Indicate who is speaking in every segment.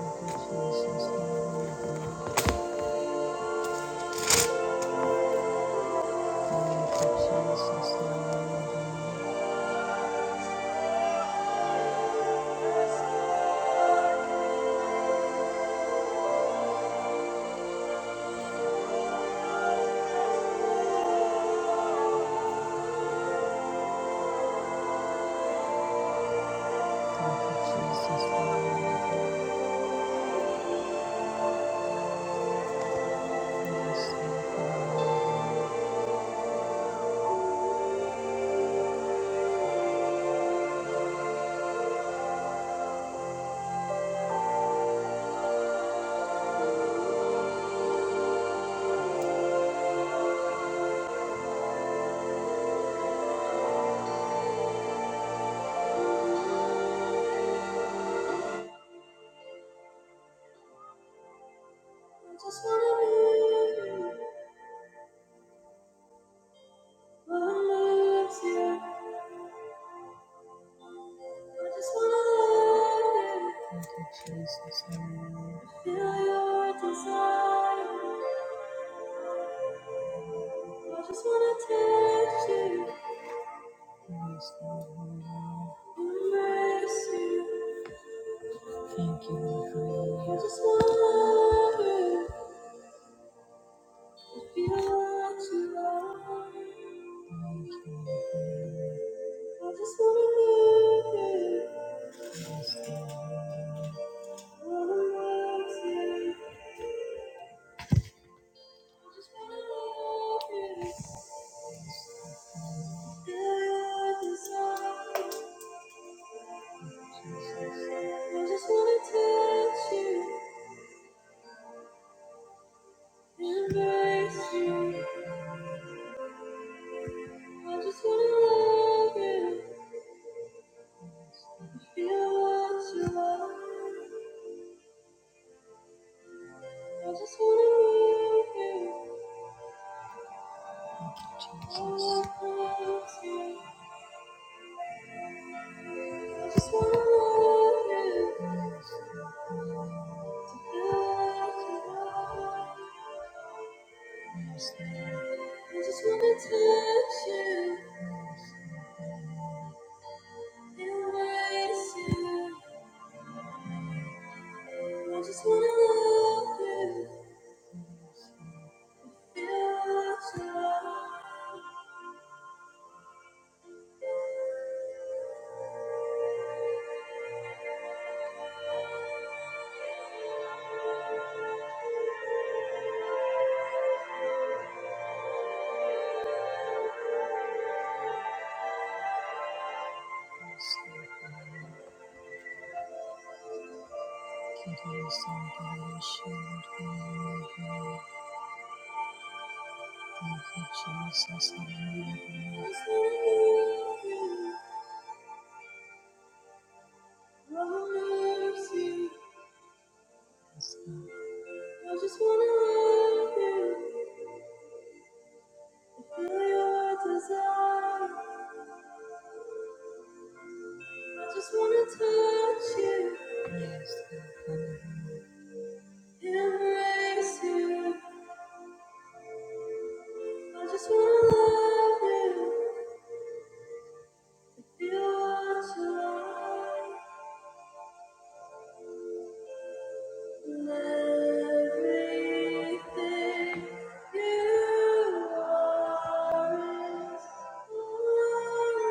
Speaker 1: Thank you, Lord, for your love. I just wanna love you. Yes, Lord, mercy. Thank you, my friend. I just wanna. I just wanna love you. I just wanna love you. Just wanna touch you. I just wanna touch you and you. I just wanna love you and watch you. I just wanna love you, wanna mercy. I just wanna love you, feel your desire. I just wanna touch you. Yes, Embrace you. I just wanna love you, feel what you are. everything you are is all I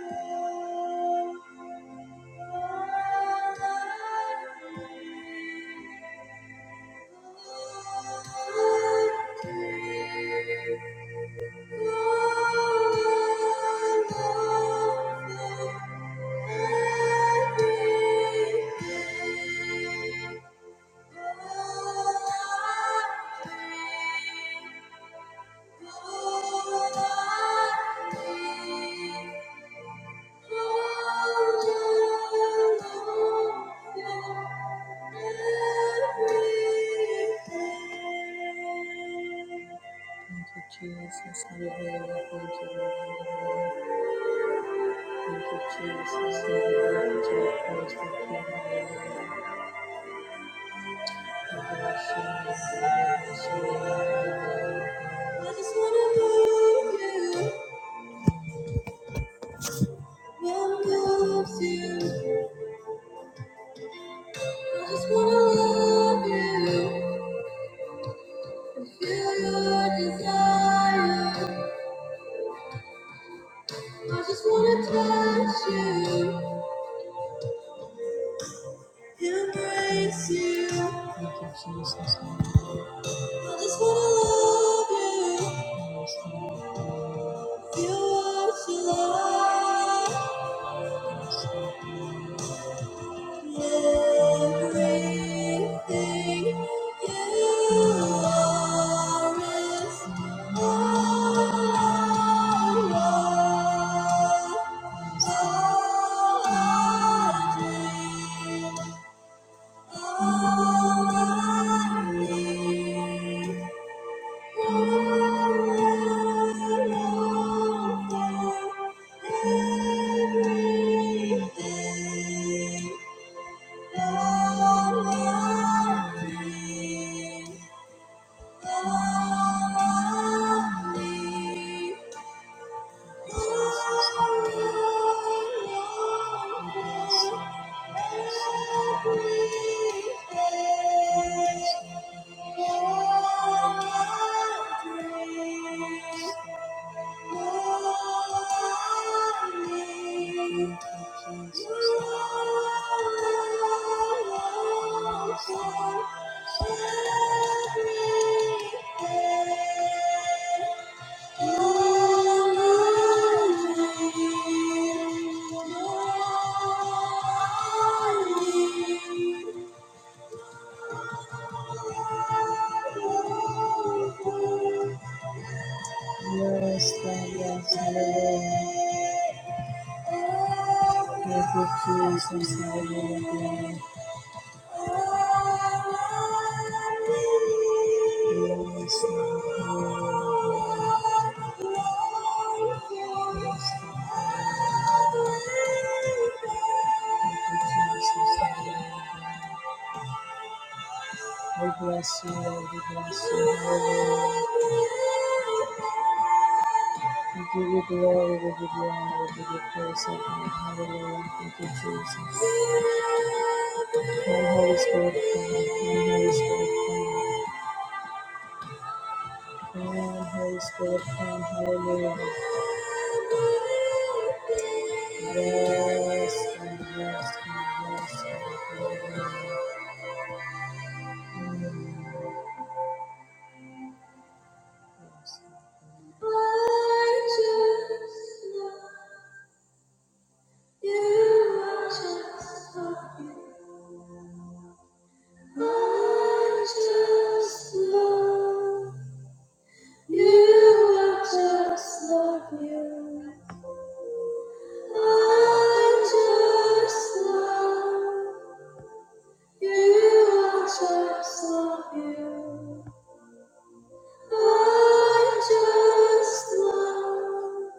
Speaker 1: want. Thank you. Thank you, Jesus. Hallelujah. Thank you, Lord. Thank you, Jesus. Hallelujah. To the praise of the King. Hallelujah. We bless you. Hallelujah. We bless you. Hallelujah. I just wanna love you. One loves you. I just wanna love you. And feel your desire. I just wanna touch you. Your grace, you. Thank you, Jesus. I just wanna love you. You are to love everything. You are is all I want, all I dream, all I need. Thank you. Yes, God, yes, hallelujah. Thank you, Jesus, hallelujah. We bless you, Lord. We bless you. Hallelujah. We give you glory. We give you honor. We give you praise, O God. Hallelujah. Thank you, Jesus. Come, Holy Spirit. Come, come, Holy Spirit. Come. Amen. Holy Spirit, come. Hallelujah. Yes, God. Yes, God. Yes, God. Hallelujah. Yes, God. Righteous Lord, you are just Lord. Righteous Lord, you are just Lord. You. Righteous Lord. You are just love you. I just love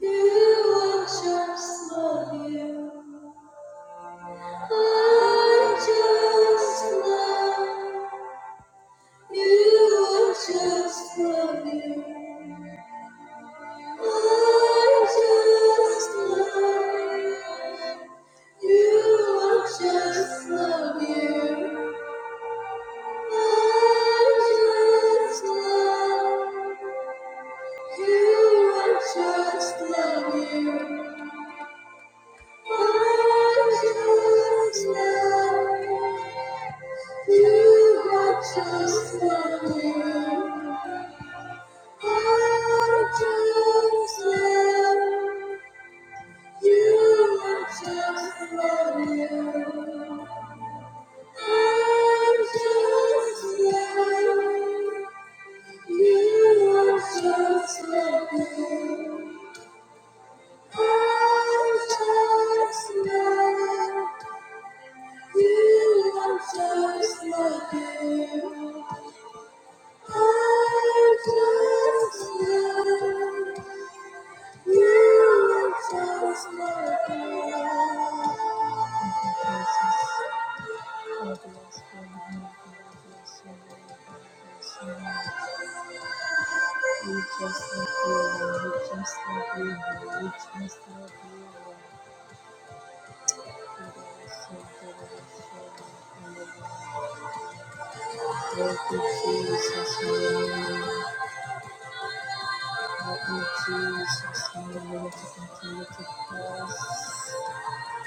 Speaker 1: you. I just love you. I just love you. I just love you. I just love you. I just love you. I just love. You I just love you. I just love you. You, I just love you. I just love you. You, I just love you. I just love you. You, I just love you. We just love you, Lord. We just love you, Lord. We just love you, Thank you, Jesus. Hallelujah. Help me, Jesus. Hallelujah.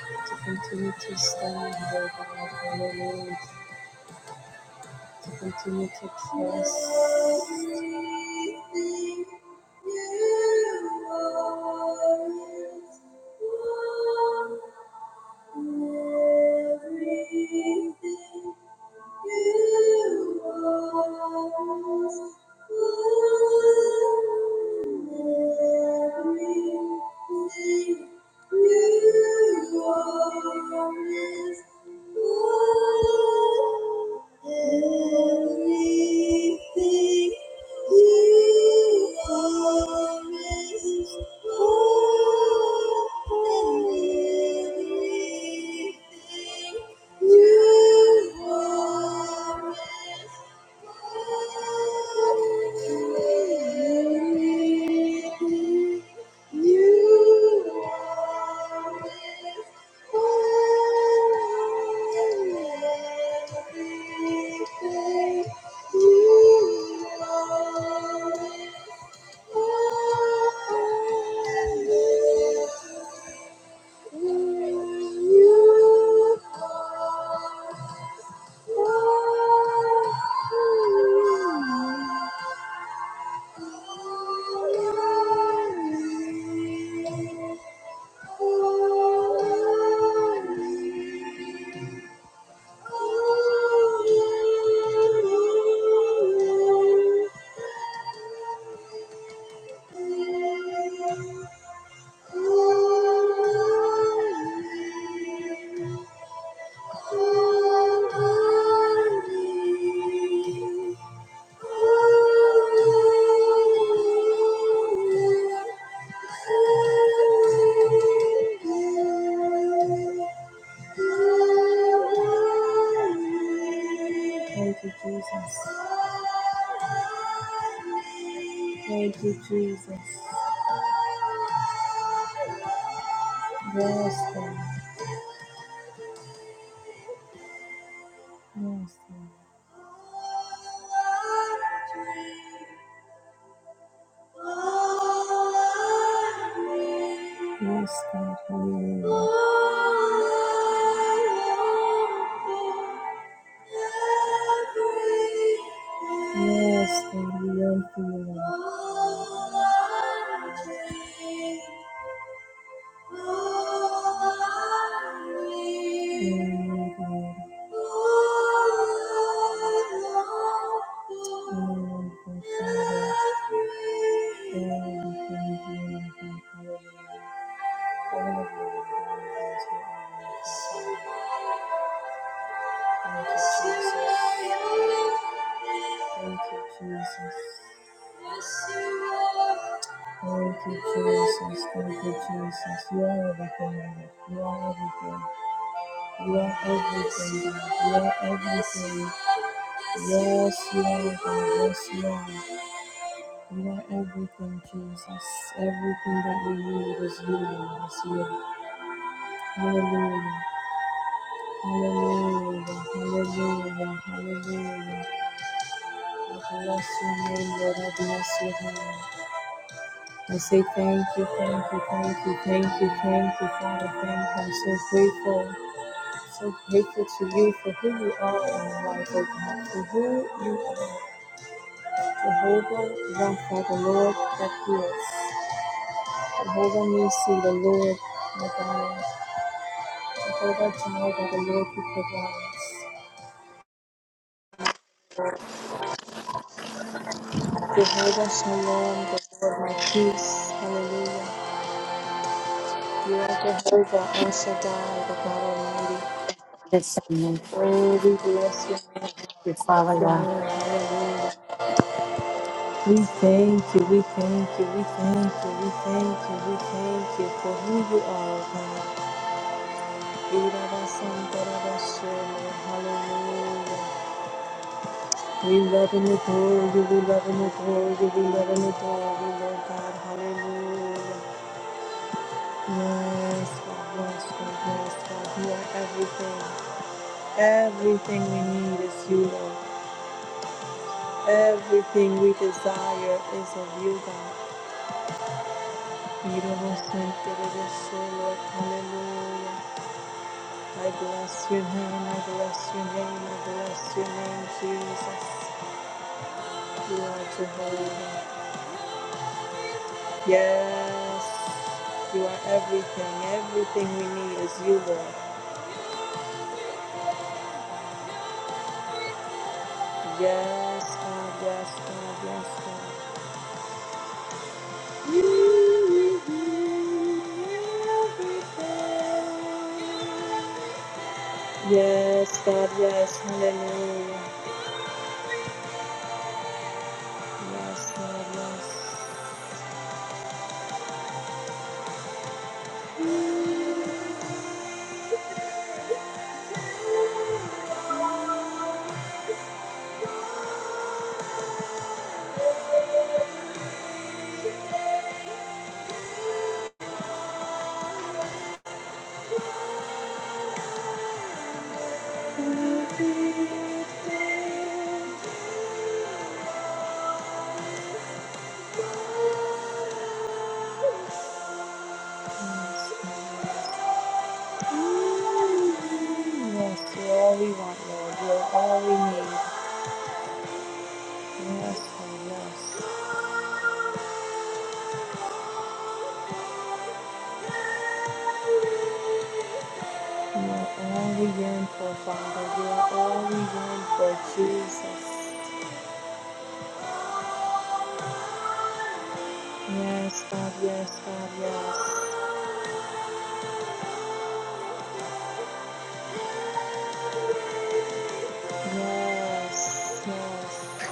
Speaker 1: To continue to press, to continue to stand, oh God. Hallelujah. To continue to press. Everything you are is wonderful. Everything Thank you. You are Thank you. Thank you, Jesus. Thank you, Jesus. Yes, Lord. Yes, Lord. Yes, God, hallelujah. Yes, God, we yearn for you. Lord. Thank you. Thank you, Jesus. Thank you, Jesus. Thank you, Jesus. Thank you, Jesus. You are everything, Lord. You are everything. You are everything, God. You are everything. Yes, you are, God. Yes, you are. You are everything, Jesus. Everything that we need is you, Lord. It's you. Hallelujah. Hallelujah. Hallelujah. Hallelujah. Bless your name, Lord. I bless your name. I say thank you, thank you, thank you, thank you, thank you, Father. Thank you. I'm so grateful, so grateful to you for who you are in my life, oh God, for who you are. Jehovah Rapha, the Lord that heals. Jehovah Nisi, the Lord my God. Jehovah Jireh, the Lord who provides. Jehovah Shalom, the Lord my peace. Hallelujah. You are Jehovah El Shaddai, the God Almighty.
Speaker 2: Yes, amen.
Speaker 1: Oh, we bless your name.
Speaker 2: You, Father God,
Speaker 1: God. bless your name. Hallelujah. We thank you, we thank you, we thank you, we thank you, we thank you for who you are, God. Irabasandarabasola. Hallelujah. We love and adore you, we love and adore you, we love and adore you, Lord God. Hallelujah. Yes, God, yes, God, yes, God. You are everything. Everything we need is you, Lord. Everything we desire is of you, God. You don't want to think that it is so, Lord. Hallelujah. I bless your name. I bless your name. I bless your name, Jesus. You are Jehovah. Yes. You are everything. Everything we need is you, Lord. Yes, God. Yes, God. Yes, God. Yes, God, yes, hallelujah. Yes, God, yes. Yes, you're all we want, Lord. You're all we need. Yes, God, yes. You are all we yearn for, Father. You are all we yearn for, Jesus. Yes, God, yes, God, yes. Yes, yes,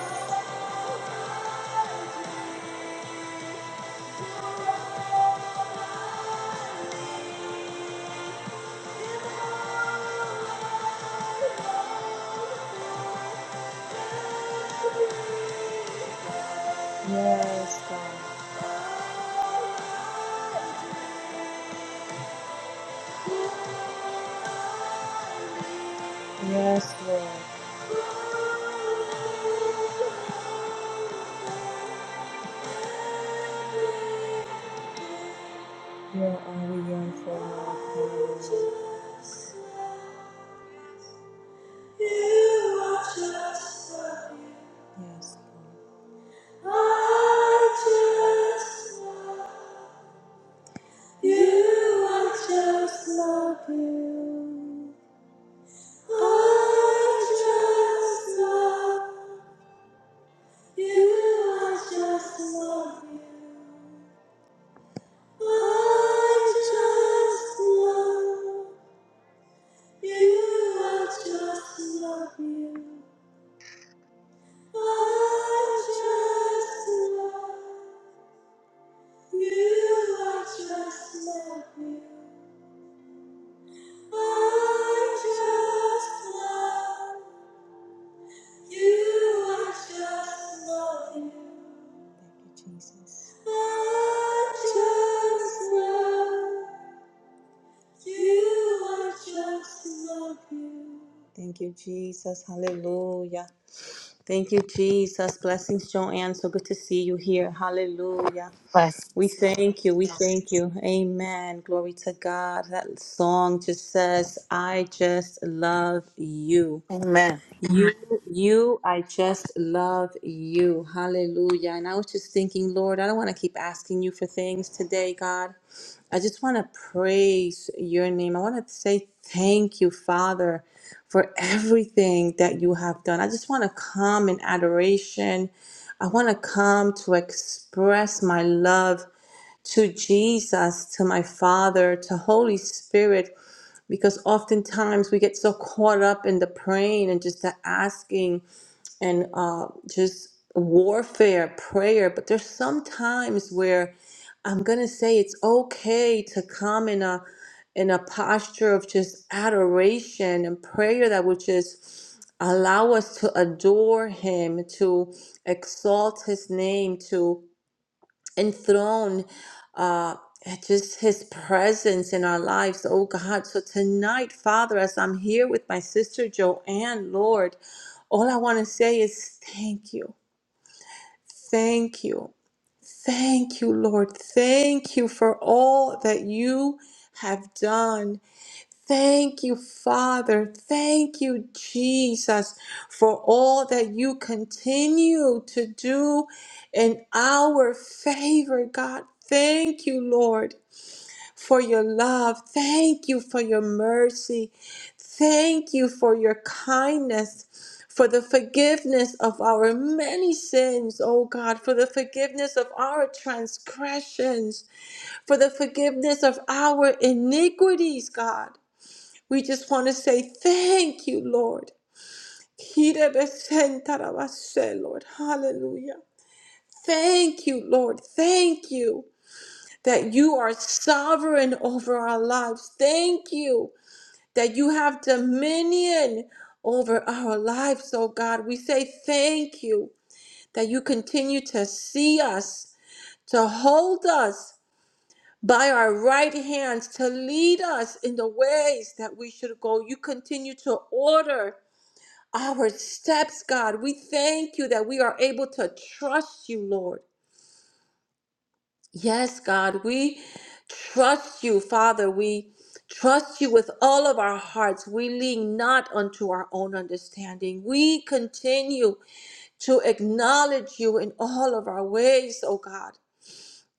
Speaker 1: yes, God. Yes, Lord. You are all we yearn for, Lord. Hallelujah. You are just the Yes, Lord. I just love you. I just love you. I just love you. I just love you. I just love you. I just love you. I just love you. I just love you. I just love you. I just love you. Thank you, Jesus. I just love you. I just love you. Thank you, Jesus. Hallelujah. Thank you, Jesus. Blessings, Joanne. So good to see you here. Hallelujah.
Speaker 2: bless.
Speaker 1: We
Speaker 2: us.
Speaker 1: thank you. We thank you. Amen. Glory to God. That song just says, I just love you.
Speaker 2: Amen.
Speaker 1: You, you, I just love you. Hallelujah. And I was just thinking, Lord, I don't want to keep asking you for things today, God. I just want to praise your name. I want to say thank you, Father, for everything that you have done. I just want to come in adoration. I want to come to express my love to Jesus, to my Father, to Holy Spirit, because oftentimes we get so caught up in the praying and just the asking and uh, just warfare, prayer. But there's some times where I'm gonna say it's okay to come in a in a posture of just adoration and prayer that would just allow us to adore Him, to exalt His name, to enthroned uh, just his presence in our lives, oh God. So tonight, Father, as I'm here with my sister Joanne, Lord, all I want to say is thank you, thank you, thank you, Lord. Thank you for all that you have done. Thank you, Father. Thank you, Jesus, for all that you continue to do in our favor, God. Thank you, Lord, for your love. Thank you for your mercy. Thank you for your kindness, for the forgiveness of our many sins, oh God, for the forgiveness of our transgressions, for the forgiveness of our iniquities, God. We just want to say thank you, Lord. Kirebesentarabase, Lord. Hallelujah. Thank you, Lord. Thank you that you are sovereign over our lives. Thank you that you have dominion over our lives, oh God. We say thank you that you continue to see us, to hold us by our right hands, to lead us in the ways that we should go. You continue to order our steps, God. We thank you that we are able to trust you, Lord. Yes, God, we trust you, Father. We trust you with all of our hearts. We lean not unto our own understanding. We continue to acknowledge you in all of our ways, O God,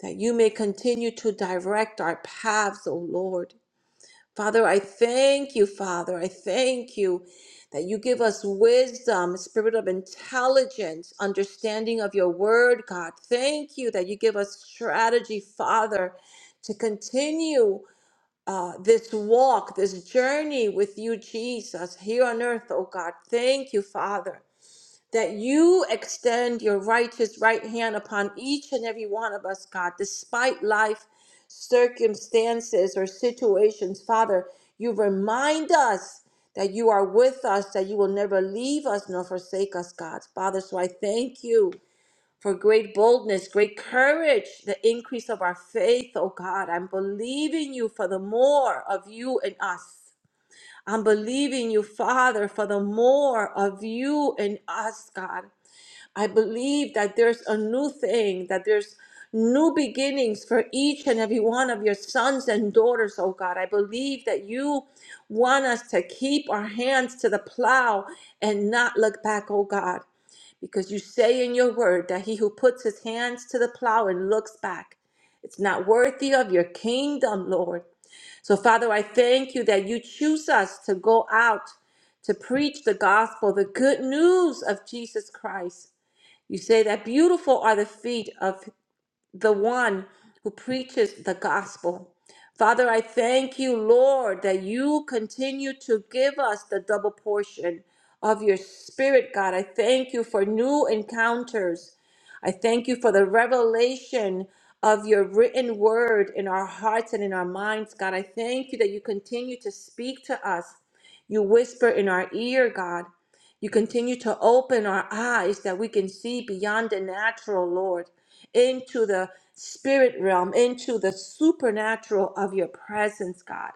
Speaker 1: that you may continue to direct our paths, O Lord. Father, I thank you, Father. I thank you that you give us wisdom, spirit of intelligence, understanding of your word, God. Thank you that you give us strategy, Father, to continue uh, this walk, this journey with you, Jesus, here on earth, oh God. Thank you, Father that you extend your righteous right hand upon each and every one of us, God, despite life circumstances or situations. Father, you remind us that you are with us, that you will never leave us nor forsake us, God. Father, so I thank you for great boldness, great courage, the increase of our faith, oh God. I'm believing you for the more of you and us. I'm believing you, Father, for the more of you and us, God. I believe that there's a new thing, that there's new beginnings for each and every one of your sons and daughters, oh God. I believe that you want us to keep our hands to the plow and not look back, oh God, because you say in your word that he who puts his hands to the plow and looks back. It's not worthy of your kingdom, Lord. So, Father, I thank you that you choose us to go out to preach the gospel, the good news of Jesus Christ. You say that beautiful are the feet of the one who preaches the gospel. Father, I thank you, Lord, that you continue to give us the double portion of your spirit, God. I thank you for new encounters. I thank you for the revelation of your written word in our hearts and in our minds, God. I thank you that you continue to speak to us. You whisper in our ear, God. You continue to open our eyes that we can see beyond the natural, Lord into the spirit realm, into the supernatural of your presence, God.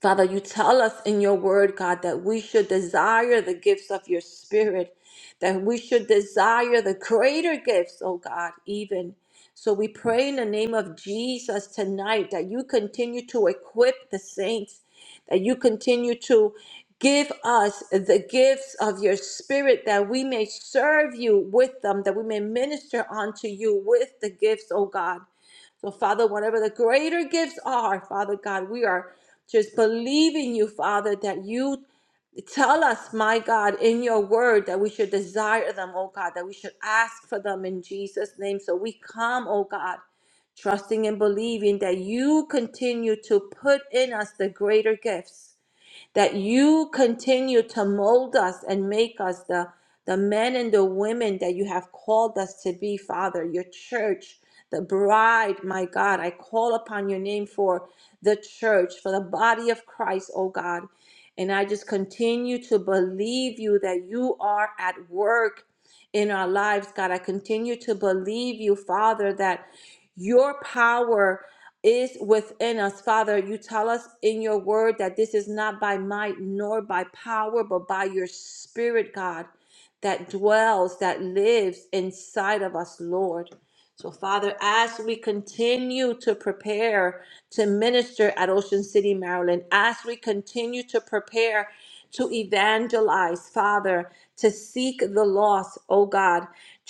Speaker 1: Father, you tell us in your word, God, that we should desire the gifts of your spirit, that we should desire the greater gifts, oh God, even. So we pray in the name of Jesus tonight that you continue to equip the saints, that you continue to give us the gifts of your spirit, that we may serve you with them, that we may minister unto you with the gifts, oh God. So, Father, whatever the greater gifts are, Father God, we are just believing you, Father, that you tell us, my God, in your word that we should desire them, oh God, that we should ask for them in Jesus' name. So we come, oh God, trusting and believing that you continue to put in us the greater gifts that you continue to mold us and make us the, the men and the women that you have called us to be, Father, your church, the bride, my God. I call upon your name for the church, for the body of Christ, oh God. And I just continue to believe you that you are at work in our lives, God. I continue to believe you, Father, that your power is within us. Father, you tell us in your word that this is not by might nor by power, but by your spirit, God, that dwells, that lives inside of us, Lord. So, Father, as we continue to prepare to minister at Ocean City, Maryland, as we continue to prepare to evangelize, Father, to seek the lost, oh God,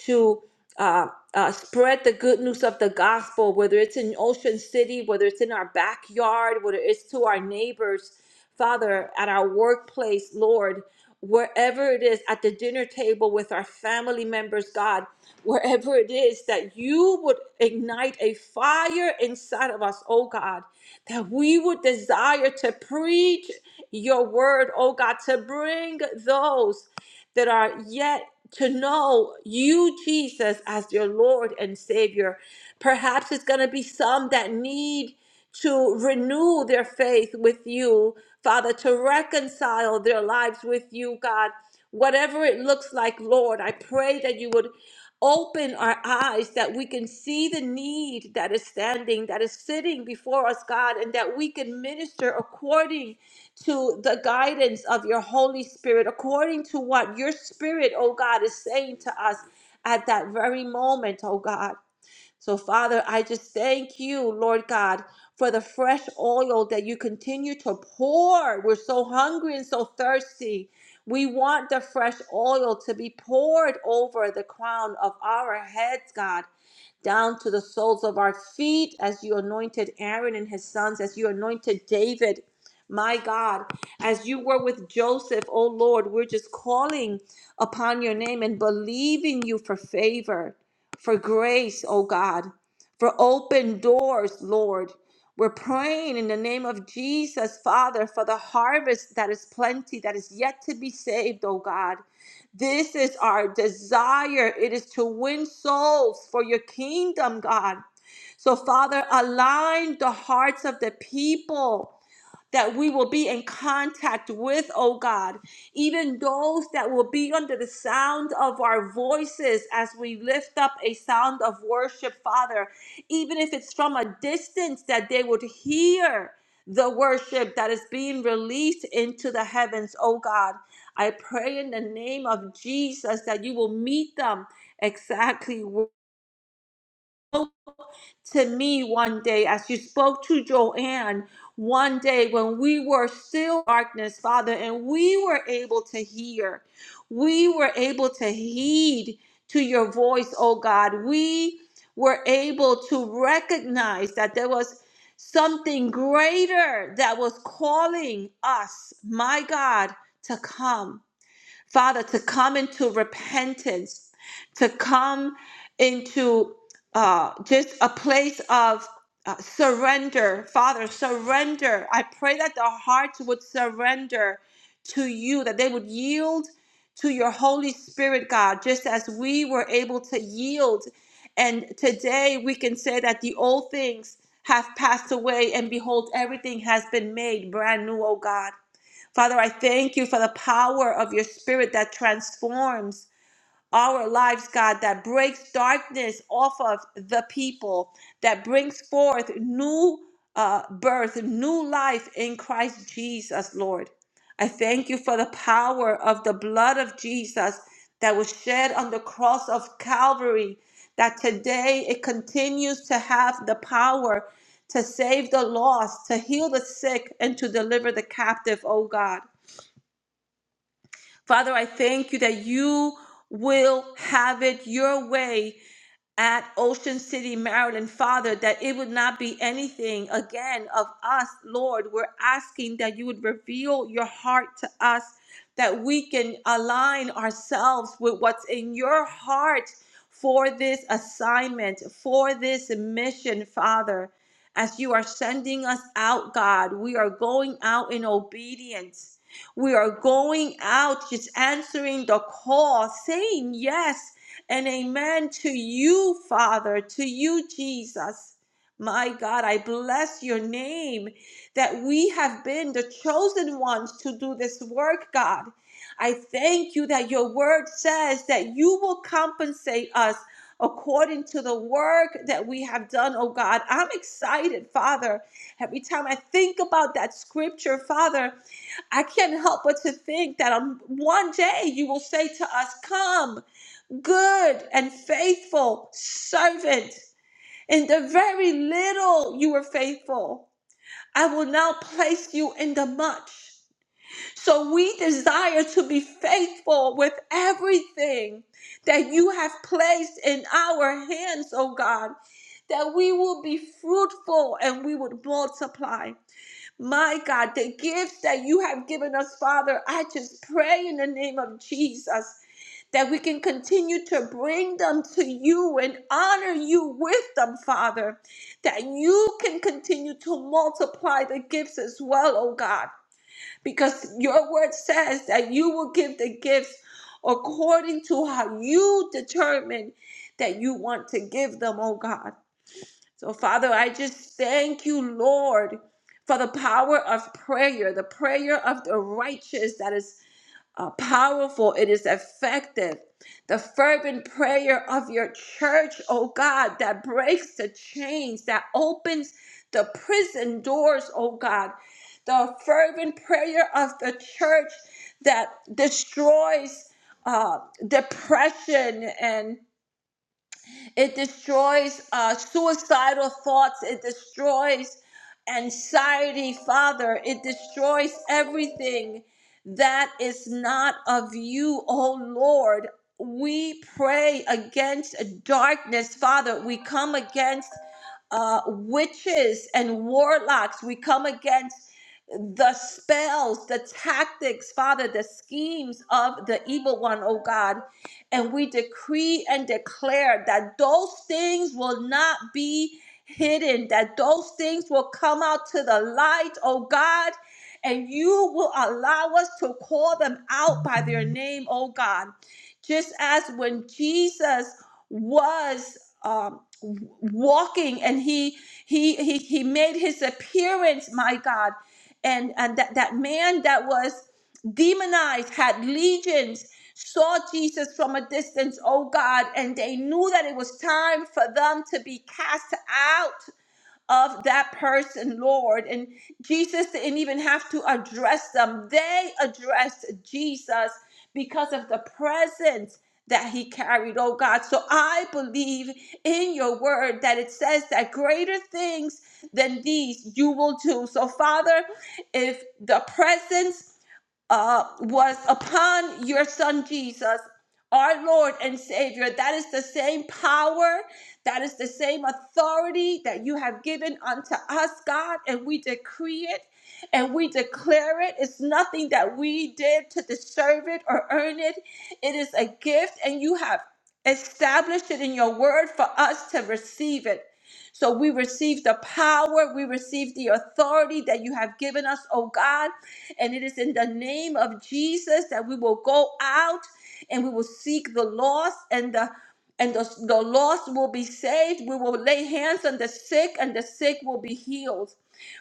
Speaker 1: to uh, uh, spread the good news of the gospel, whether it's in Ocean City, whether it's in our backyard, whether it's to our neighbors, Father, at our workplace, Lord, wherever it is, at the dinner table with our family members, God, wherever it is, that you would ignite a fire inside of us, oh God, that we would desire to preach your word, oh God, to bring those that are yet to know you, Jesus, as your Lord and Savior. Perhaps it's going to be some that need to renew their faith with you, Father, to reconcile their lives with you, God. Whatever it looks like, Lord, I pray that you would open our eyes that we can see the need that is standing, that is sitting before us, God, and that we can minister according to the guidance of your Holy Spirit, according to what your Spirit, oh God, is saying to us at that very moment, oh God. So, Father, I just thank you, Lord God, for the fresh oil that you continue to pour. We're so hungry and so thirsty. We want the fresh oil to be poured over the crown of our heads, God down to the soles of our feet as you anointed Aaron and his sons, as you anointed David. My God, as you were with Joseph, oh Lord, we're just calling upon your name and believing you for favor, for grace, oh God, for open doors, Lord. We're praying in the name of Jesus, Father, for the harvest that is plenty, that is yet to be saved, oh God. This is our desire. It is to win souls for your kingdom, God. So, Father, align the hearts of the people that we will be in contact with, oh God, even those that will be under the sound of our voices as we lift up a sound of worship, Father, even if it's from a distance, that they would hear the worship that is being released into the heavens, oh God. I pray in the name of Jesus that you will meet them exactly to me one day as you spoke to Joanne one day when we were still darkness, Father, and we were able to hear. We were able to heed to your voice, oh God. We were able to recognize that there was something greater that was calling us, my God, to come. Father, to come into repentance, to come into uh, just a place of uh, surrender. Father, surrender. I pray that the hearts would surrender to you, that they would yield to your Holy Spirit, God, just as we were able to yield. And today we can say that the old things have passed away, and behold, everything has been made brand new, oh God. Father, I thank you for the power of your spirit that transforms our lives, God, that breaks darkness off of the people, that brings forth new uh, birth, new life in Christ Jesus, Lord. I thank you for the power of the blood of Jesus that was shed on the cross of Calvary, that today it continues to have the power to save the lost, to heal the sick, and to deliver the captive, oh God. Father, I thank you that you will have it your way at Ocean City, Maryland, Father, that it would not be anything again of us, Lord. We're asking that you would reveal your heart to us, that we can align ourselves with what's in your heart for this assignment, for this mission, Father. As you are sending us out, God, we are going out in obedience. We are going out just answering the call, saying yes and amen to you, Father, to you, Jesus. My God, I bless your name that we have been the chosen ones to do this work, God. I thank you that your word says that you will compensate us according to the work that we have done, oh God. I'm excited, Father. Every time I think about that scripture, Father, I can't help but to think that on one day you will say to us, Come good and faithful servant. In the very little you were faithful, I will now place you in the much. So we desire to be faithful with everything that you have placed in our hands, oh God. That we will be fruitful and we would multiply. My God, the gifts that you have given us, Father, I just pray in the name of Jesus that we can continue to bring them to you and honor you with them, Father, that you can continue to multiply the gifts as well, oh God, because your word says that you will give the gifts according to how you determine that you want to give them, oh God. So, Father, I just thank you, Lord, for the power of prayer, the prayer of the righteous that is uh, powerful, it is effective. The fervent prayer of your church, oh God, that breaks the chains, that opens the prison doors, oh God. The fervent prayer of the church that destroys uh, depression and it destroys uh, suicidal thoughts. It destroys anxiety, Father. It destroys everything that is not of you, O Lord. We pray against darkness, Father. We come against uh, witches and warlocks. We come against the spells, the tactics, Father, the schemes of the evil one, oh God. And we decree and declare that those things will not be hidden, that those things will come out to the light, oh God. And you will allow us to call them out by their name, oh God. Just as when Jesus was um, walking and he, he he he made his appearance my god and and that, that man that was demonized had legions saw jesus from a distance oh god and they knew that it was time for them to be cast out of that person, Lord. And Jesus didn't even have to address them, they addressed Jesus because of the presence that he carried, oh God. So I believe in your word that it says that greater things than these you will do. So, Father, if the presence uh, was upon your son Jesus, our Lord and Savior. That is the same power, that is the same authority that you have given unto us, God, and we decree it and we declare it. It's nothing that we did to deserve it or earn it, it is a gift, and you have established it in your word for us to receive it. So we receive the power, we receive the authority that you have given us, oh God. And it is in the name of Jesus that we will go out and we will seek the lost and the and the, the lost will be saved. We will lay hands on the sick, and the sick will be healed.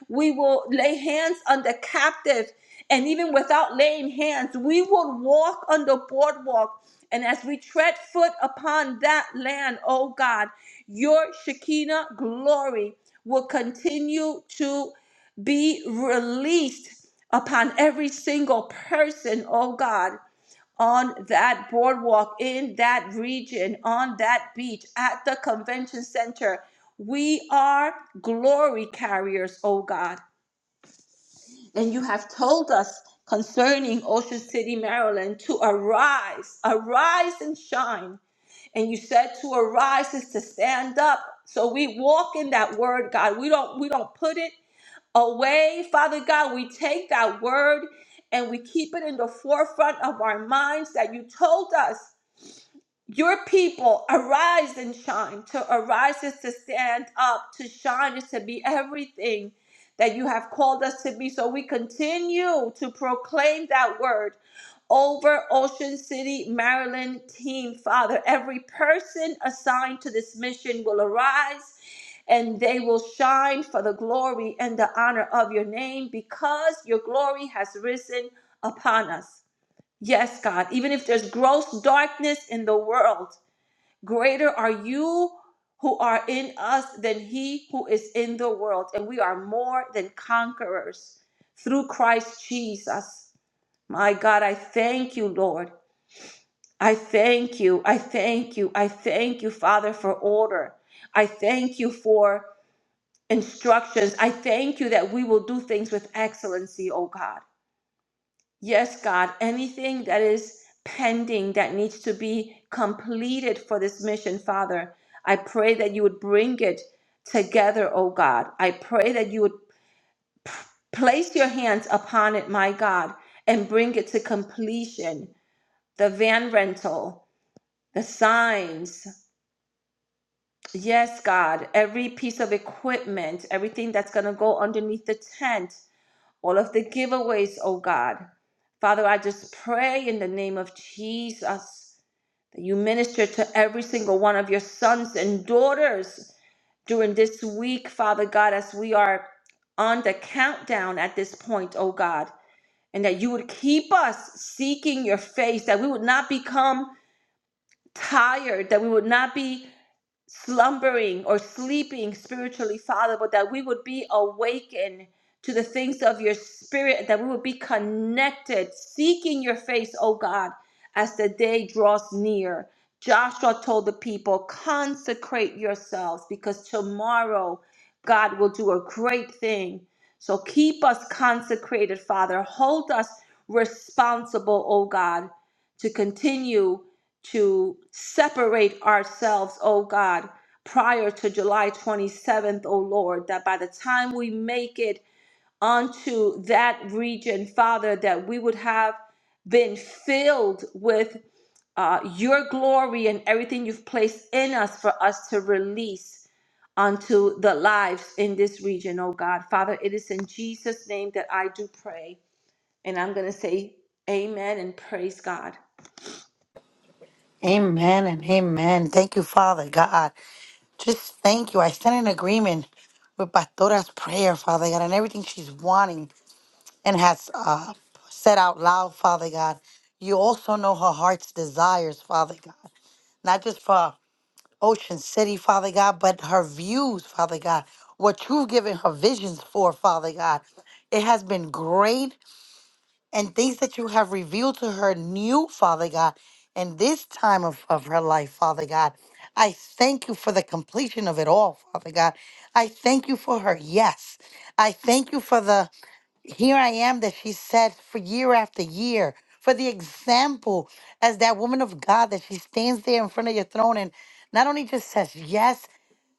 Speaker 1: We will lay hands on the captive, and even without laying hands, we will walk on the boardwalk. And as we tread foot upon that land, oh God, your Shekinah glory will continue to be released upon every single person, oh God, on that boardwalk, in that region, on that beach, at the convention center. We are glory carriers, oh God. And you have told us concerning Ocean City, Maryland, to arise, arise and shine and you said to arise is to stand up so we walk in that word god we don't we don't put it away father god we take that word and we keep it in the forefront of our minds that you told us your people arise and shine to arise is to stand up to shine is to be everything that you have called us to be so we continue to proclaim that word over Ocean City, Maryland team, Father. Every person assigned to this mission will arise and they will shine for the glory and the honor of your name because your glory has risen upon us. Yes, God, even if there's gross darkness in the world, greater are you who are in us than he who is in the world. And we are more than conquerors through Christ Jesus. My God, I thank you, Lord. I thank you. I thank you. I thank you, Father, for order. I thank you for instructions. I thank you that we will do things with excellency, oh God. Yes, God, anything that is pending that needs to be completed for this mission, Father, I pray that you would bring it together, oh God. I pray that you would p- place your hands upon it, my God, and bring it to completion. The van rental, the signs, Yes, God, every piece of equipment, everything that's going to go underneath the tent, all of the giveaways, oh God. Father, I just pray in the name of Jesus that you minister to every single one of your sons and daughters during this week, Father God, as we are on the countdown at this point, oh God, and that you would keep us seeking your face, that we would not become tired, that we would not be slumbering or sleeping spiritually, Father, but that we would be awakened to the things of your spirit, that we would be connected, seeking your face, oh God, as the day draws near. Joshua told the people, consecrate yourselves because tomorrow God will do a great thing. So keep us consecrated, Father. Hold us responsible, oh God, to continue to separate ourselves, oh God, prior to July 27th, oh Lord, that by the time we make it onto that region, Father, that we would have been filled with uh, your glory and everything you've placed in us for us to release onto the lives in this region, oh God. Father, it is in Jesus' name that I do pray. And I'm going to say amen and praise God.
Speaker 2: Amen and amen. Thank you, Father God. Just thank you. I stand in agreement with Pastora's prayer, Father God, and everything she's wanting and has uh, said out loud, Father God. You also know her heart's desires, Father God, not just for Ocean City, Father God, but her views, Father God, what you've given her visions for, Father God. It has been great and things that you have revealed to her new, Father God, in this time of, of her life, Father God. I thank you for the completion of it all, Father God. I thank you for her yes. I thank you for the here I am that she said for year after year, for the example as that woman of God that she stands there in front of your throne and not only just says yes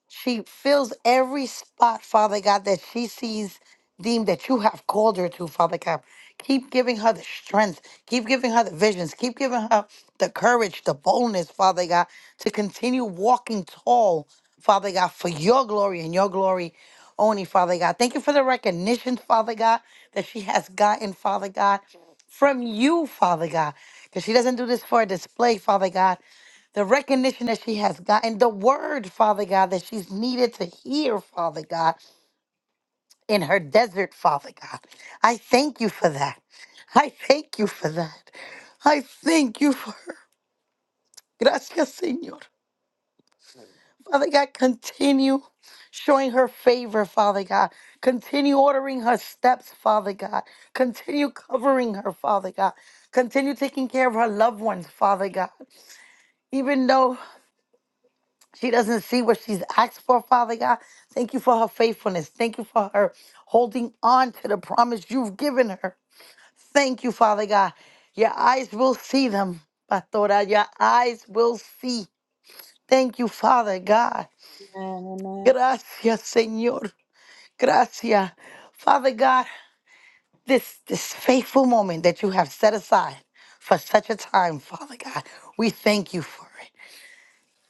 Speaker 2: she fills every spot, Father God, that she sees deemed that you have called her to, Father God. Keep giving her the strength. Keep giving her the visions. Keep giving her the courage, the boldness, Father God, to continue walking tall, Father God, for your glory and your glory only, Father God. Thank you for the recognition, Father God, that she has gotten, Father God, from you, Father God. Because she doesn't do this for a display, Father God the recognition that she has gotten, the word, Father God, that she's needed to hear, Father God, in her desert, Father God. I thank you for that. I thank you for that. I thank you for her. Gracias, Señor. Father God, continue showing her favor, Father God. Continue ordering her steps, Father God. Continue covering her, Father God. Continue taking care of her loved ones, Father God. Even though She doesn't see what she's asked for, Father God. Thank you for her faithfulness. Thank you for her holding on to the promise you've given her. Thank you, Father God. Your eyes will see them, Pastora. Your eyes will see. Thank you, Father God. Gracias, Señor. Gracias. Father God, this, this faithful moment that you have set aside for such a time, Father God, we thank you for it.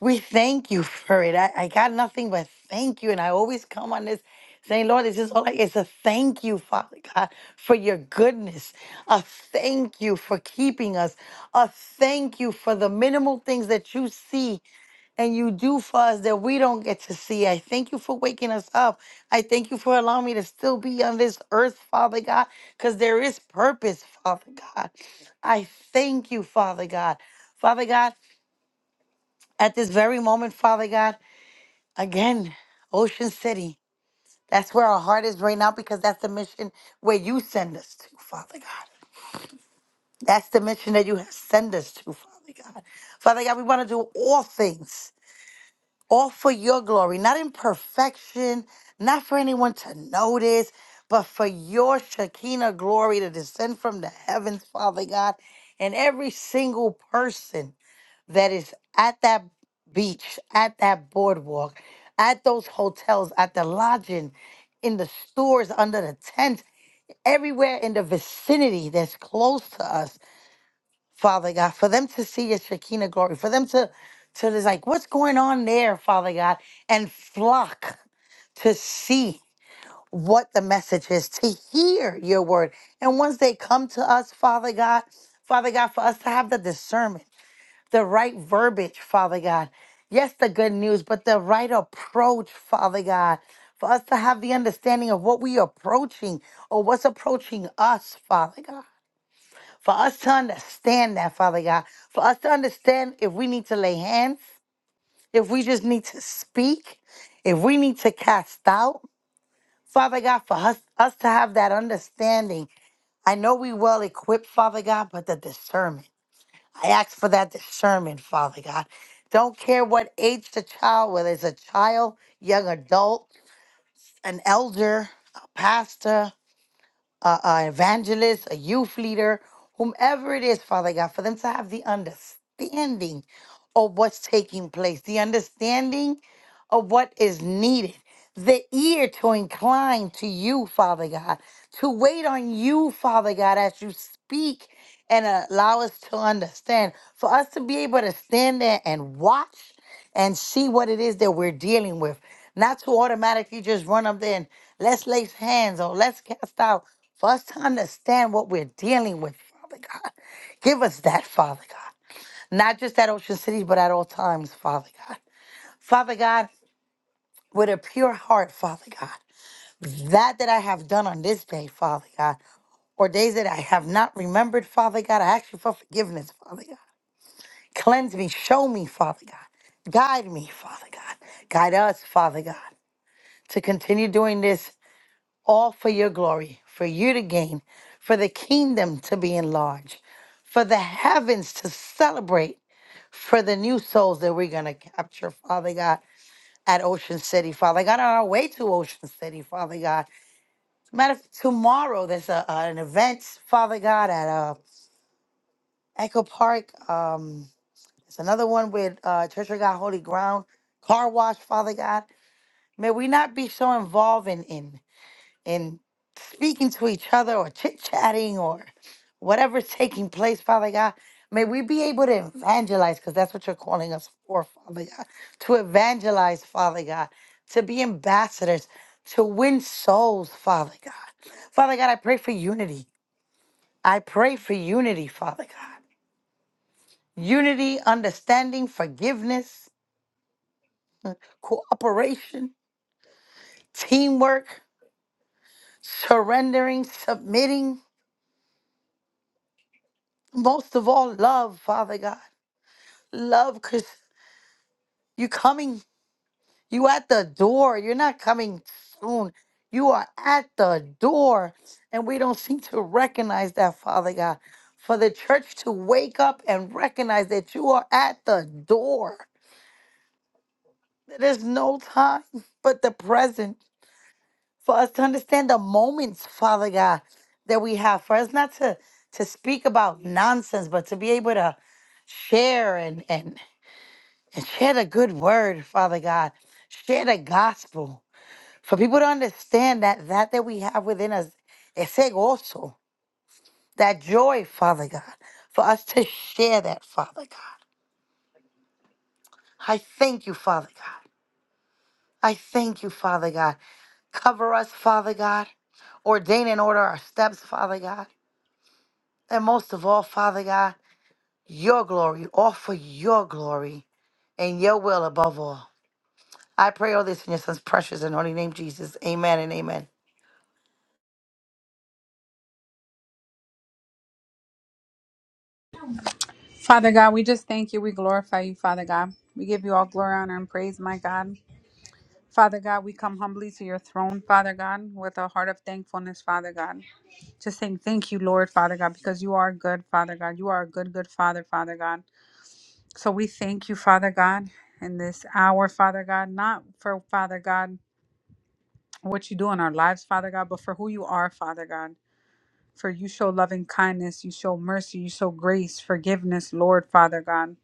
Speaker 2: We thank you for it. I, I got nothing but thank you. And I always come on this saying, Lord, this is all I, it's a thank you, Father God, for your goodness. A thank you for keeping us. A thank you for the minimal things that you see and you do for us that we don't get to see. I thank you for waking us up. I thank you for allowing me to still be on this earth, Father God, because there is purpose, Father God. I thank you, Father God. Father God, at this very moment, Father God. Again, Ocean City. That's where our heart is right now because that's the mission where you send us to, Father God. That's the mission that you have send us to, Father God. Father God, we want to do all things, all for your glory, not in perfection, not for anyone to notice, but for your Shekinah glory to descend from the heavens, Father God, and every single person that is at that beach, at that boardwalk, at those hotels, at the lodging, in the stores, under the tents, everywhere in the vicinity that's close to us, Father God, for them to see your Shekinah glory, for them to to just like, what's going on there, Father God, and flock to see what the message is, to hear your word. And once they come to us, Father God, Father God, for us to have the discernment the right verbiage, Father God. Yes, the good news, but the right approach, Father God, for us to have the understanding of what we are approaching or what's approaching us, Father God. For us to understand that, Father God. For us to understand if we need to lay hands, if we just need to speak, if we need to cast out, Father God, for us, us to have that understanding. I know we well equipped, Father God, but the discernment. I ask for that discernment, Father God. Don't care what age the child, whether it's a child, young adult, an elder, a pastor, a, a evangelist, a youth leader, whomever it is, Father God, for them to have the understanding of what's taking place, the understanding of what is needed, the ear to incline to you, Father God, to wait on you, Father God, as you speak and allow us to understand, for us to be able to stand there and watch and see what it is that we're dealing with. Not to automatically just run up there and let's lay hands or let's cast out. For us to understand what we're dealing with, Father God. Give us that, Father God. Not just at Ocean City, but at all times, Father God. Father God, with a pure heart, Father God. That that I have done on this day, Father God, or days that I have not remembered, Father God, I ask you for forgiveness, Father God. Cleanse me, show me, Father God. Guide me, Father God. Guide us, Father God. to continue doing this all for your glory, for you to gain, for the kingdom to be enlarged, for the heavens to celebrate, for the new souls that we're going to capture, Father God, at Ocean City, Father God, on our way to Ocean City, Father God. As a Matter of fact, tomorrow there's a, uh, an event, Father God, at uh, Echo Park. Um, there's another one with uh, Church of God Holy Ground, Car Wash, Father God. May we not be so involved in, in in speaking to each other or chit chatting or whatever's taking place, Father God. May we be able to evangelize because that's what you're calling us for, Father God. To evangelize, Father God. To be ambassadors, to win souls, Father God. Father God, I pray for unity. I pray for unity, Father God. Unity, understanding, forgiveness, cooperation, teamwork, surrendering, submitting, most of all, love, Father God. love because you coming you at the door you're not coming soon you are at the door and we don't seem to recognize that father god for the church to wake up and recognize that you are at the door there's no time but the present for us to understand the moments father god that we have for us not to to speak about nonsense but to be able to share and and. and share the good word, Father God. Share the gospel for people to understand that that that we have within us, it's also that joy, Father God, for us to share that, Father God. I thank you, Father God. I thank you, Father God. Cover us, Father God. Ordain and order our steps, Father God. And most of all, Father God, your glory, all for your glory and your will above all. I pray all this in your son's precious and holy name, Jesus. Amen and amen.
Speaker 3: Father God, we just thank you. We glorify you, Father God. We give you all glory, honor, and praise, my God. Father God, we come humbly to your throne, Father God, with a heart of thankfulness, Father God. Just saying thank you, Lord, Father God, because you are good, Father God. You are a good, good Father, Father God. So we thank you, Father God, in this hour, Father God, not for, Father God, what you do in our lives, Father God, but for who you are, Father God. For you show loving kindness, you show mercy, you show grace, forgiveness, Lord, Father God.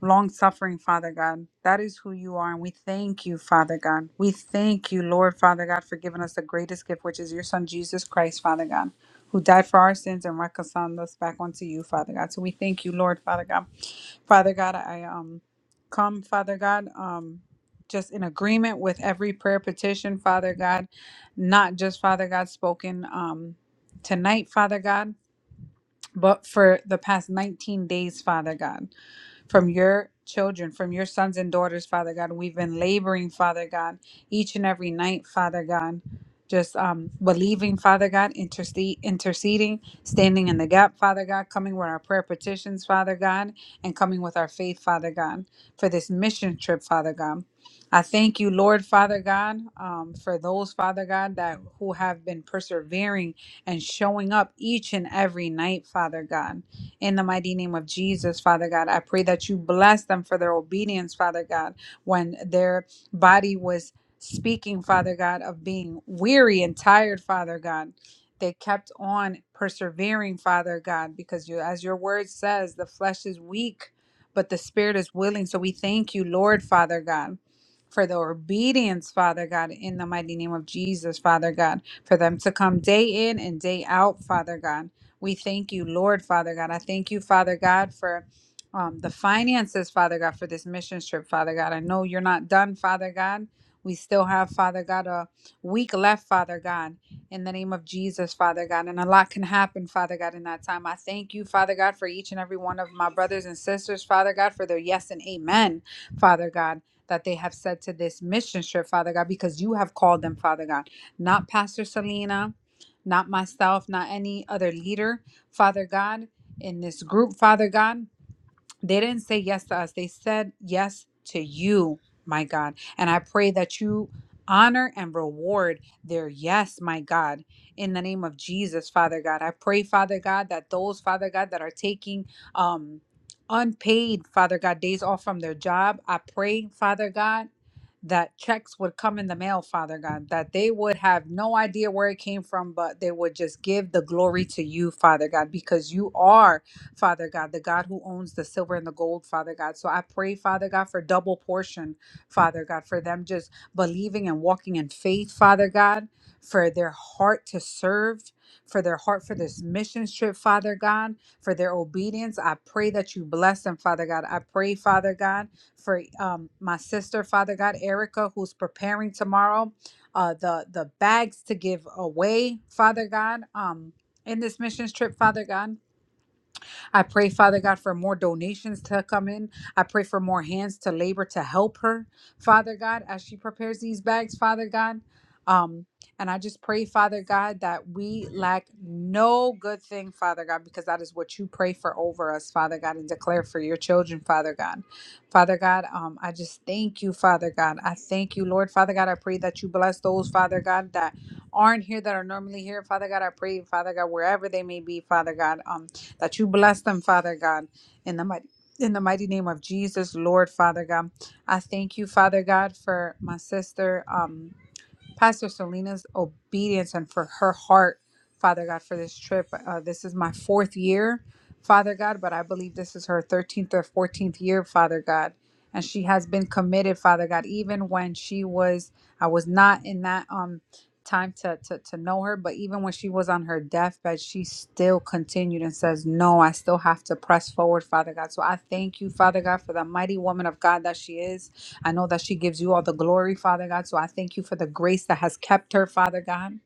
Speaker 3: long suffering, Father God. That is who you are. And we thank you, Father God. We thank you, Lord, Father God, for giving us the greatest gift, which is your Son, Jesus Christ, Father God, who died for our sins and reconciled us back unto you, Father God. So we thank you, Lord, Father God. Father God, I um come, Father God, um just in agreement with every prayer petition, Father God, not just Father God spoken um tonight, Father God, but for the past 19 days, Father God from your children, from your sons and daughters, Father God. We've been laboring, Father God, each and every night, Father God. Just um, believing, Father God, intercede, interceding, standing in the gap, Father God, coming with our prayer petitions, Father God, and coming with our faith, Father God, for this mission trip, Father God. I thank you, Lord, Father God, um, for those, Father God, that who have been persevering and showing up each and every night, Father God. In the mighty name of Jesus, Father God, I pray that you bless them for their obedience, Father God, when their body was speaking, Father God, of being weary and tired, Father God. They kept on persevering, Father God, because you, as your word says, the flesh is weak, but the spirit is willing. So we thank you, Lord, Father God, for the obedience, Father God, in the mighty name of Jesus, Father God, for them to come day in and day out, Father God we thank you, Lord Father God. I thank you, Father God, for um, the finances, Father God, for this mission trip, Father God. I know you're not done, Father God. We still have, Father God, a week left, Father God, in the name of Jesus, Father God. And a lot can happen, Father God, in that time. I thank you, Father God, for each and every one of my brothers and sisters, Father God, for their yes and amen, Father God, that they have said to this mission trip, Father God, because you have called them, Father God. Not Pastor Selena, not myself, not any other leader, Father God, in this group, Father God they didn't say yes to us. They said yes to you, my God. And I pray that you honor and reward their yes, my God, in the name of Jesus, Father God. I pray, Father God, that those, Father God, that are taking um unpaid, Father God, days off from their job, I pray, Father God, that checks would come in the mail, Father God, that they would have no idea where it came from, but they would just give the glory to you, Father God, because you are. Father God, the God who owns the silver and the gold, Father God. So I pray, Father God, for double portion, Father God, for them just believing and walking in faith, Father God, for their heart to serve, for their heart for this mission trip, Father God, for their obedience. I pray that you bless them, Father God. I pray, Father God, for um, my sister, Father God, Erica, who's preparing tomorrow. Uh, the the bags to give away, Father God, um, in this missions trip, Father God. I pray, Father God, for more donations to come in. I pray for more hands to labor to help her, Father God, as she prepares these bags, Father God. Um, and I just pray, Father God, that we lack no good thing, Father God, because that is what you pray for over us, Father God, and declare for your children, Father God. Father God, um, I just thank you, Father God. I thank you, Lord, Father God. I pray that you bless those, Father God, that aren't here that are normally here, Father God. I pray, Father God, wherever they may be, Father God. Um, that you bless them, Father God, in the mighty in the mighty name of Jesus, Lord Father God. I thank you, Father God, for my sister. Um, Pastor Selena's obedience and for her heart, Father God, for this trip. Uh, this is my fourth year, Father God, but I believe this is her 13th or 14th year, Father God. And she has been committed, Father God, even when she was, I was not in that um time to, to to know her, but even when she was on her deathbed, she still continued and says, No, I still have to press forward, Father God. So I thank you, Father God, for the mighty woman of God that she is. I know that she gives you all the glory, Father God. So I thank you for the grace that has kept her, Father God.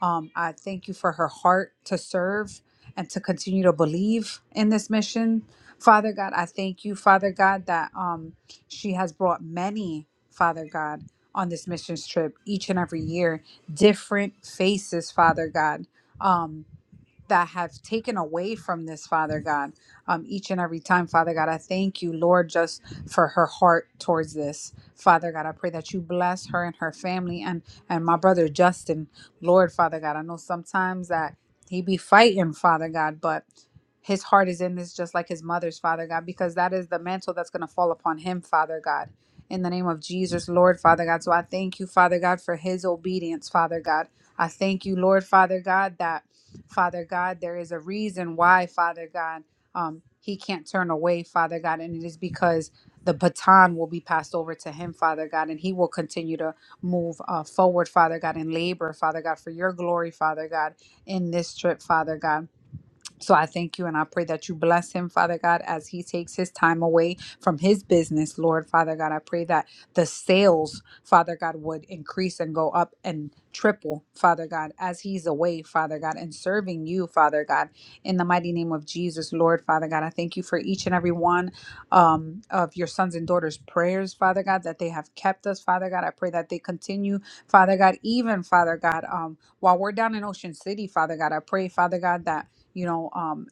Speaker 3: Um, I thank you for her heart to serve and to continue to believe in this mission. Father God, I thank you, Father God, that um, she has brought many, Father God, on this missions trip each and every year, different faces, Father God. Um, that have taken away from this, Father God, um, each and every time, Father God. I thank you, Lord, just for her heart towards this, Father God. I pray that you bless her and her family and and my brother Justin, Lord, Father God. I know sometimes that he be fighting, Father God, but his heart is in this just like his mother's, Father God, because that is the mantle that's going to fall upon him, Father God. In the name of Jesus, Lord, Father God. So I thank you, Father God, for his obedience, Father God. I thank you, Lord, Father God, that Father God. There is a reason why, Father God, um, he can't turn away, Father God, and it is because the baton will be passed over to him, Father God, and he will continue to move uh, forward, Father God, and labor, Father God, for your glory, Father God, in this trip, Father God. So I thank you and I pray that you bless him, Father God, as he takes his time away from his business, Lord, Father God. I pray that the sales, Father God, would increase and go up and triple, Father God, as he's away, Father God, and serving you, Father God, in the mighty name of Jesus, Lord, Father God. I thank you for each and every one um, of your sons and daughters' prayers, Father God, that they have kept us, Father God. I pray that they continue, Father God, even, Father God, um, while we're down in Ocean City, Father God, I pray, Father God, that you know, um,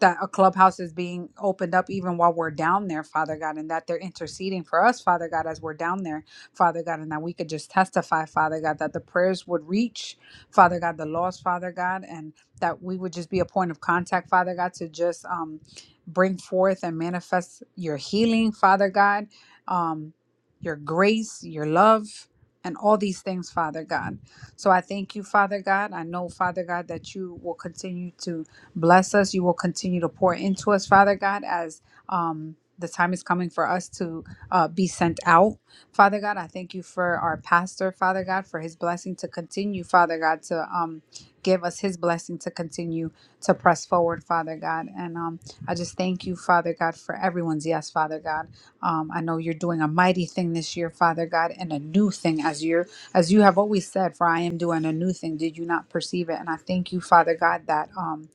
Speaker 3: that a clubhouse is being opened up even while we're down there, Father God, and that they're interceding for us, Father God, as we're down there, Father God, and that we could just testify, Father God, that the prayers would reach, Father God, the lost, Father God, and that we would just be a point of contact, Father God, to just um, bring forth and manifest your healing, Father God, um, your grace, your love, and all these things, Father God. So I thank you, Father God. I know, Father God, that you will continue to Bless us. You will continue to pour into us, Father God, as um, the time is coming for us to uh, be sent out. Father God, I thank you for our pastor, Father God, for his blessing to continue, Father God, to um, give us his blessing to continue to press forward, Father God. And um, I just thank you, Father God, for everyone's yes, Father God. Um, I know you're doing a mighty thing this year, Father God, and a new thing as you're as you have always said, for I am doing a new thing. Did you not perceive it? And I thank you, Father God, that um,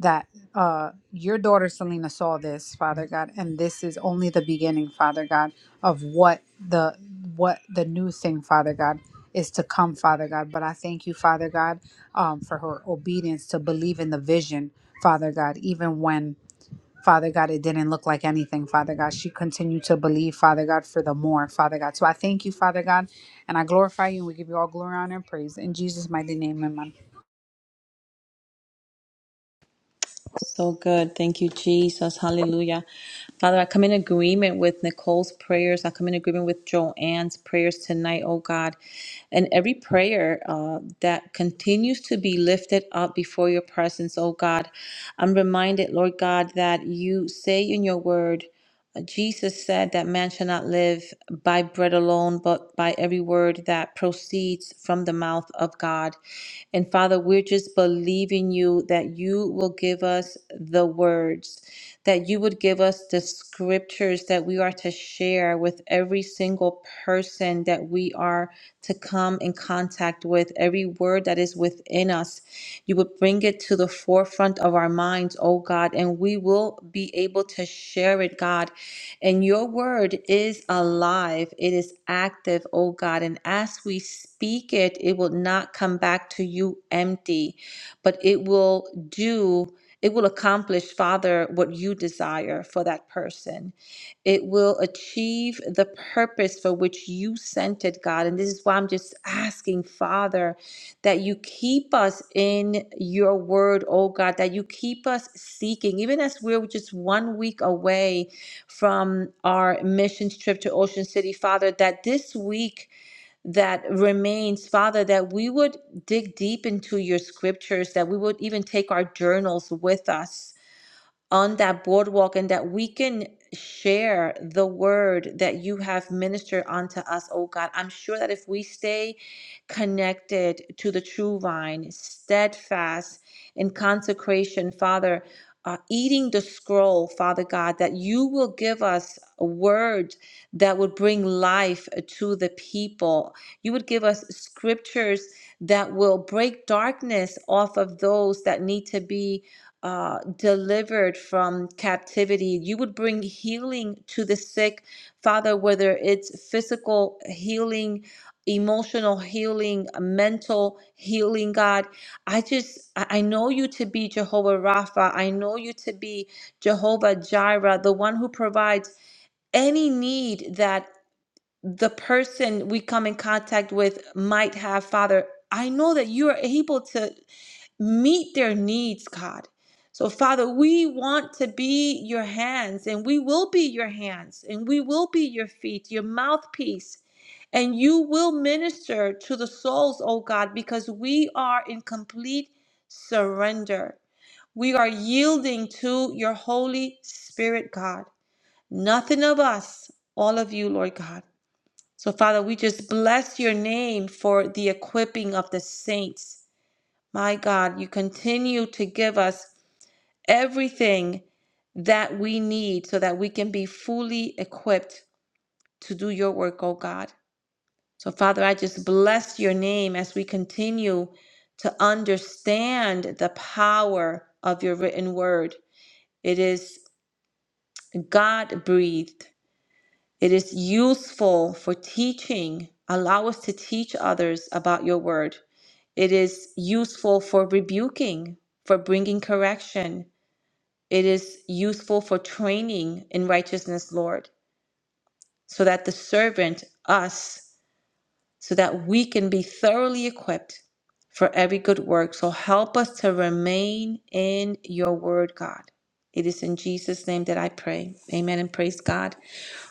Speaker 3: that uh, your daughter Selena saw this, Father God, and this is only the beginning, Father God, of what the what the new thing, Father God, is to come, Father God. But I thank you, Father God, um, for her obedience to believe in the vision, Father God, even when. Father God, it didn't look like anything, Father God. She continued to believe, Father God, for the more, Father God. So I thank you, Father God, and I glorify you, and we give you all glory, honor, and praise. In Jesus' mighty name,
Speaker 1: So good. Thank you, Jesus. Hallelujah. Father, I come in agreement with Nicole's prayers. I come in agreement with Joanne's prayers tonight, oh God. And every prayer uh, that continues to be lifted up before your presence, oh God. I'm reminded, Lord God, that you say in your word, uh, Jesus said that man shall not live by bread alone, but by every word that proceeds from the mouth of God. And Father, we're just believing you that you will give us the words, that you would give us the scriptures that we are to share with every single person that we are to come in contact with, every word that is within us. You would bring it to the forefront of our minds, oh God, and we will be able to share it, God and your word is alive, it is active, oh God. And as we speak it, it will not come back to you empty, but it will do. It will accomplish, Father, what you desire for that person. It will achieve the purpose for which you sent it, God. And this is why I'm just asking, Father, that you keep us in your word, oh God, that you keep us seeking, even as we're just one week away from our missions trip to Ocean City, Father, that this week that remains, Father, that we would dig deep into your scriptures, that we would even take our journals with us on that boardwalk and that we can share the word that you have ministered unto us, oh God. I'm sure that if we stay connected to the true vine, steadfast in consecration, Father, uh, eating the scroll, Father God, that you will give us a word that would bring life to the people. You would give us scriptures that will break darkness off of those that need to be uh, delivered from captivity. You would bring healing to the sick, Father, whether it's physical healing, emotional healing, mental healing, God. I just, I I know you to be Jehovah Rapha. I know you to be Jehovah Jireh, the one who provides any need that the person we come in contact with might have, Father. I know that you are able to meet their needs, God. So, Father, we want to be your hands, and we will be your hands, and we will be your feet, your mouthpiece, and you will minister to the souls, oh God, because we are in complete surrender. We are yielding to your Holy Spirit, God. Nothing of us, all of you, Lord God. So, Father, we just bless your name for the equipping of the saints my God, you continue to give us everything that we need so that we can be fully equipped to do your work, oh God. So, Father, I just bless your name as we continue to understand the power of your written word. It is God breathed, it is useful for teaching. Allow us to teach others about your word. It is useful for rebuking, for bringing correction, It is useful for training in righteousness, Lord, so that the servant, us, so that we can be thoroughly equipped for every good work. So help us to remain in your word, God. It is in Jesus' name that I pray. Amen and praise God.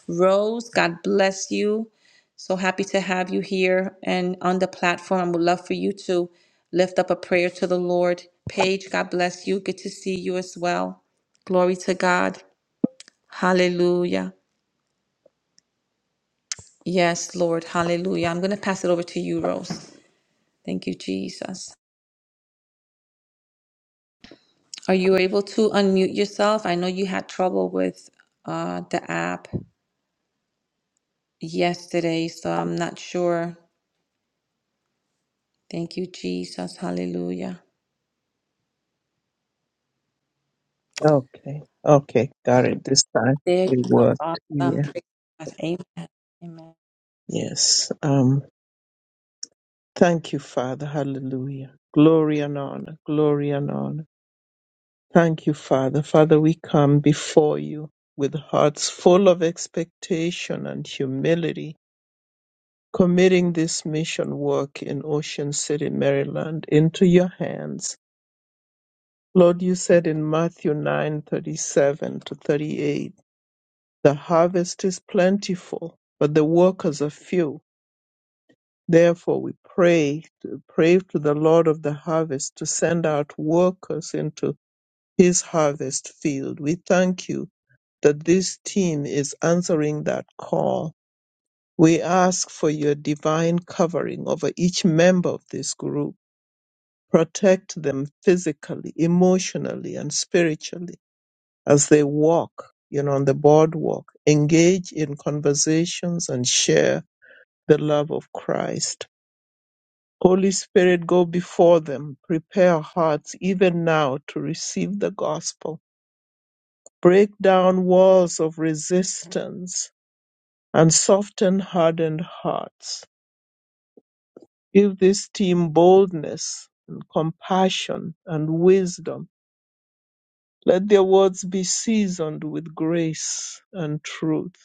Speaker 1: Rose, God bless you. So happy to have you here and on the platform. Would love for you to lift up a prayer to the Lord. Paige, God bless you. Good to see you as well. Glory to God. Hallelujah. Yes, Lord. Hallelujah. I'm going to pass it over to you, Rose. Thank you, Jesus. Are you able to unmute yourself? I know you had trouble with uh, the app yesterday, so I'm not sure. Thank you, Jesus. Hallelujah.
Speaker 4: Okay. Okay. Got it. This time
Speaker 1: There
Speaker 4: it
Speaker 1: you go.
Speaker 4: worked.
Speaker 1: Awesome.
Speaker 4: Yeah.
Speaker 1: Praise God. Amen. Amen.
Speaker 4: Yes. Um, thank you, Father. Hallelujah. Glory and honor. Glory and honor. Thank you, Father. Father, we come before you with hearts full of expectation and humility, committing this mission work in Ocean City, Maryland into your hands. Lord, you said in Matthew 9 37 to 38, The harvest is plentiful, but the workers are few. Therefore we pray pray to the Lord of the harvest to send out workers into his harvest field. We thank you that this team is answering that call. We ask for your divine covering over each member of this group. Protect them physically, emotionally, and spiritually as they walk, you know, on the boardwalk, engage in conversations and share the love of Christ. Holy Spirit, go before them, prepare hearts even now to receive the gospel. Break down walls of resistance and soften hardened hearts. Give this team boldness and compassion and wisdom. Let their words be seasoned with grace and truth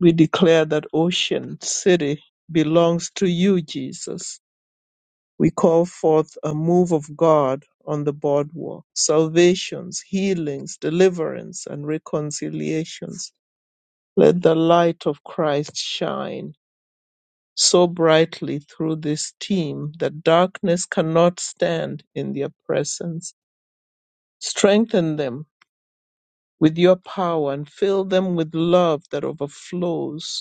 Speaker 4: We declare that Ocean City belongs to you, Jesus. We call forth a move of God on the boardwalk, salvations, healings, deliverance, and reconciliations. Let the light of Christ shine so brightly through this team that darkness cannot stand in their presence. Strengthen them with your power and fill them with love that overflows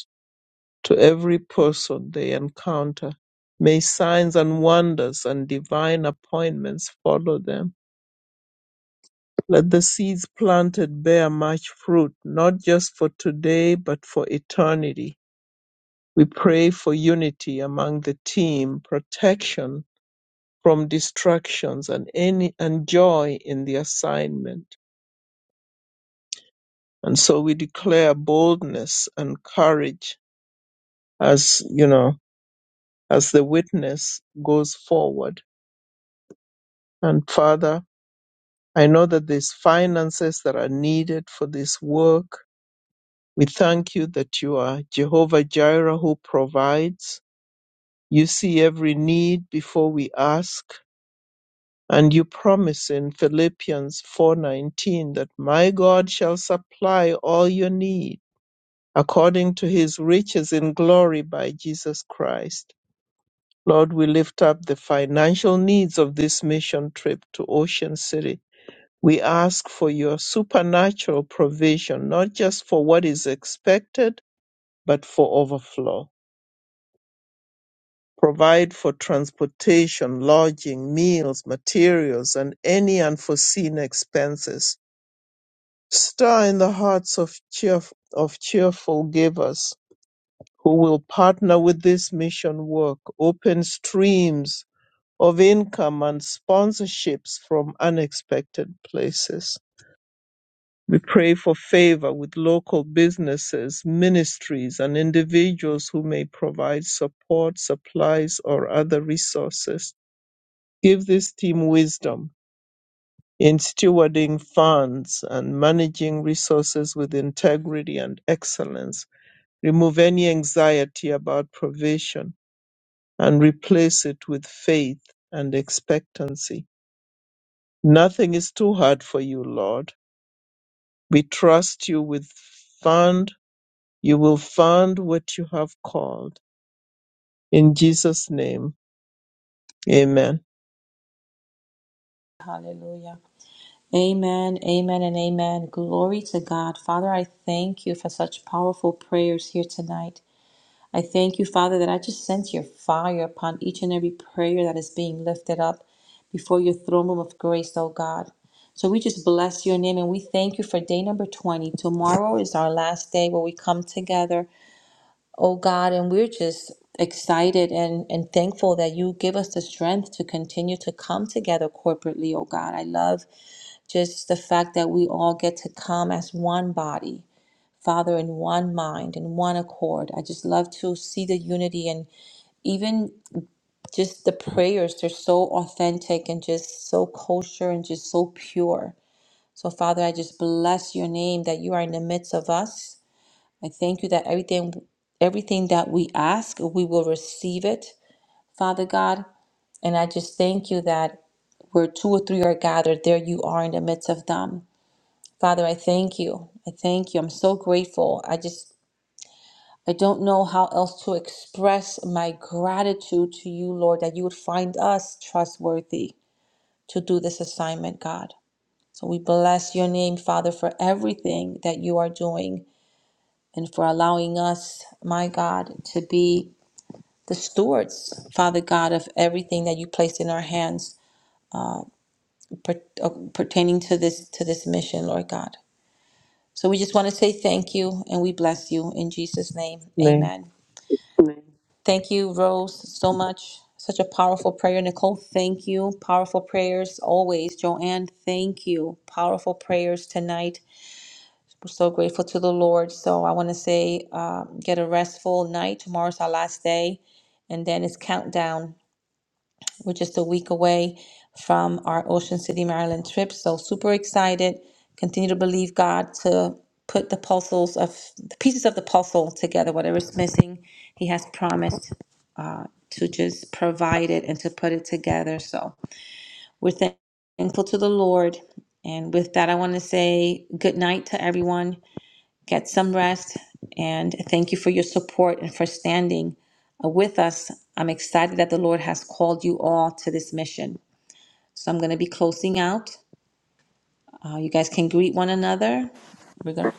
Speaker 4: to every person they encounter. May signs and wonders and divine appointments follow them. Let the seeds planted bear much fruit, not just for today, but for eternity. We pray for unity among the team, protection from distractions, and any and joy in the assignment. And so we declare boldness and courage as you know, as the witness goes forward. And Father, I know that there's finances that are needed for this work. We thank you that you are Jehovah Jireh who provides. You see every need before we ask. And you promise in Philippians 4:19 that my God shall supply all your need according to his riches in glory by Jesus Christ. Lord, we lift up the financial needs of this mission trip to Ocean City. We ask for your supernatural provision, not just for what is expected, but for overflow. Provide for transportation, lodging, meals, materials, and any unforeseen expenses. Stir in the hearts of, cheerf- of cheerful givers who will partner with this mission work. Open streams of income and sponsorships from unexpected places. We pray for favor with local businesses, ministries, and individuals who may provide support, supplies, or other resources. Give this team wisdom in stewarding funds and managing resources with integrity and excellence. Remove any anxiety about provision and replace it with faith and expectancy. Nothing is too hard for you, Lord. We trust you with fund You will find what you have called. In Jesus' name, amen.
Speaker 1: Hallelujah. Amen. Amen. And amen. Glory to God. Father, I thank you for such powerful prayers here tonight. I thank you, Father, that I just sense your fire upon each and every prayer that is being lifted up before your throne room of grace, oh God. So we just bless your name and we thank you for day number 20. Tomorrow is our last day where we come together, oh God, and we're just excited and, and thankful that you give us the strength to continue to come together corporately, oh God. I love just the fact that we all get to come as one body. Father, in one mind, in one accord. I just love to see the unity and even just the prayers they're so authentic and just so kosher and just so pure so father i just bless your name that you are in the midst of us i thank you that everything everything that we ask we will receive it father god and i just thank you that where two or three are gathered there you are in the midst of them father i thank you i thank you i'm so grateful i just I don't know how else to express my gratitude to you, Lord, that you would find us trustworthy to do this assignment, God. So we bless your name, Father, for everything that you are doing and for allowing us, my God, to be the stewards, Father God, of everything that you placed in our hands per- uh, pertaining to this to this mission, Lord God. So we just want to say thank you and we bless you in Jesus' name.
Speaker 4: Name.
Speaker 1: Amen. Thank you, Rose, so much. Such a powerful prayer. Nicole, thank you. Powerful prayers always. Joanne, thank you. Powerful prayers tonight. We're so grateful to the Lord. So I want to say, um, get a restful night. Tomorrow's our last day. And then it's countdown. We're just a week away from our Ocean City, Maryland trip. So super excited. Continue to believe God to put the puzzles of the pieces of the puzzle together, whatever's missing. He has promised to just provide it and to put it together. So we're thankful to the Lord. And with that, I want to say good night to everyone. Get some rest. And thank you for your support and for standing uh, with us. I'm excited that the Lord has called you all to this mission. So I'm going to be closing out. Uh, you guys can greet one another. We're going to.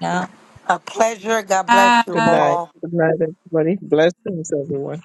Speaker 1: Yeah.
Speaker 2: A pleasure. God bless you
Speaker 4: Good
Speaker 3: amen.
Speaker 4: night.
Speaker 2: all.
Speaker 4: Good night, everybody. Blessings, everyone.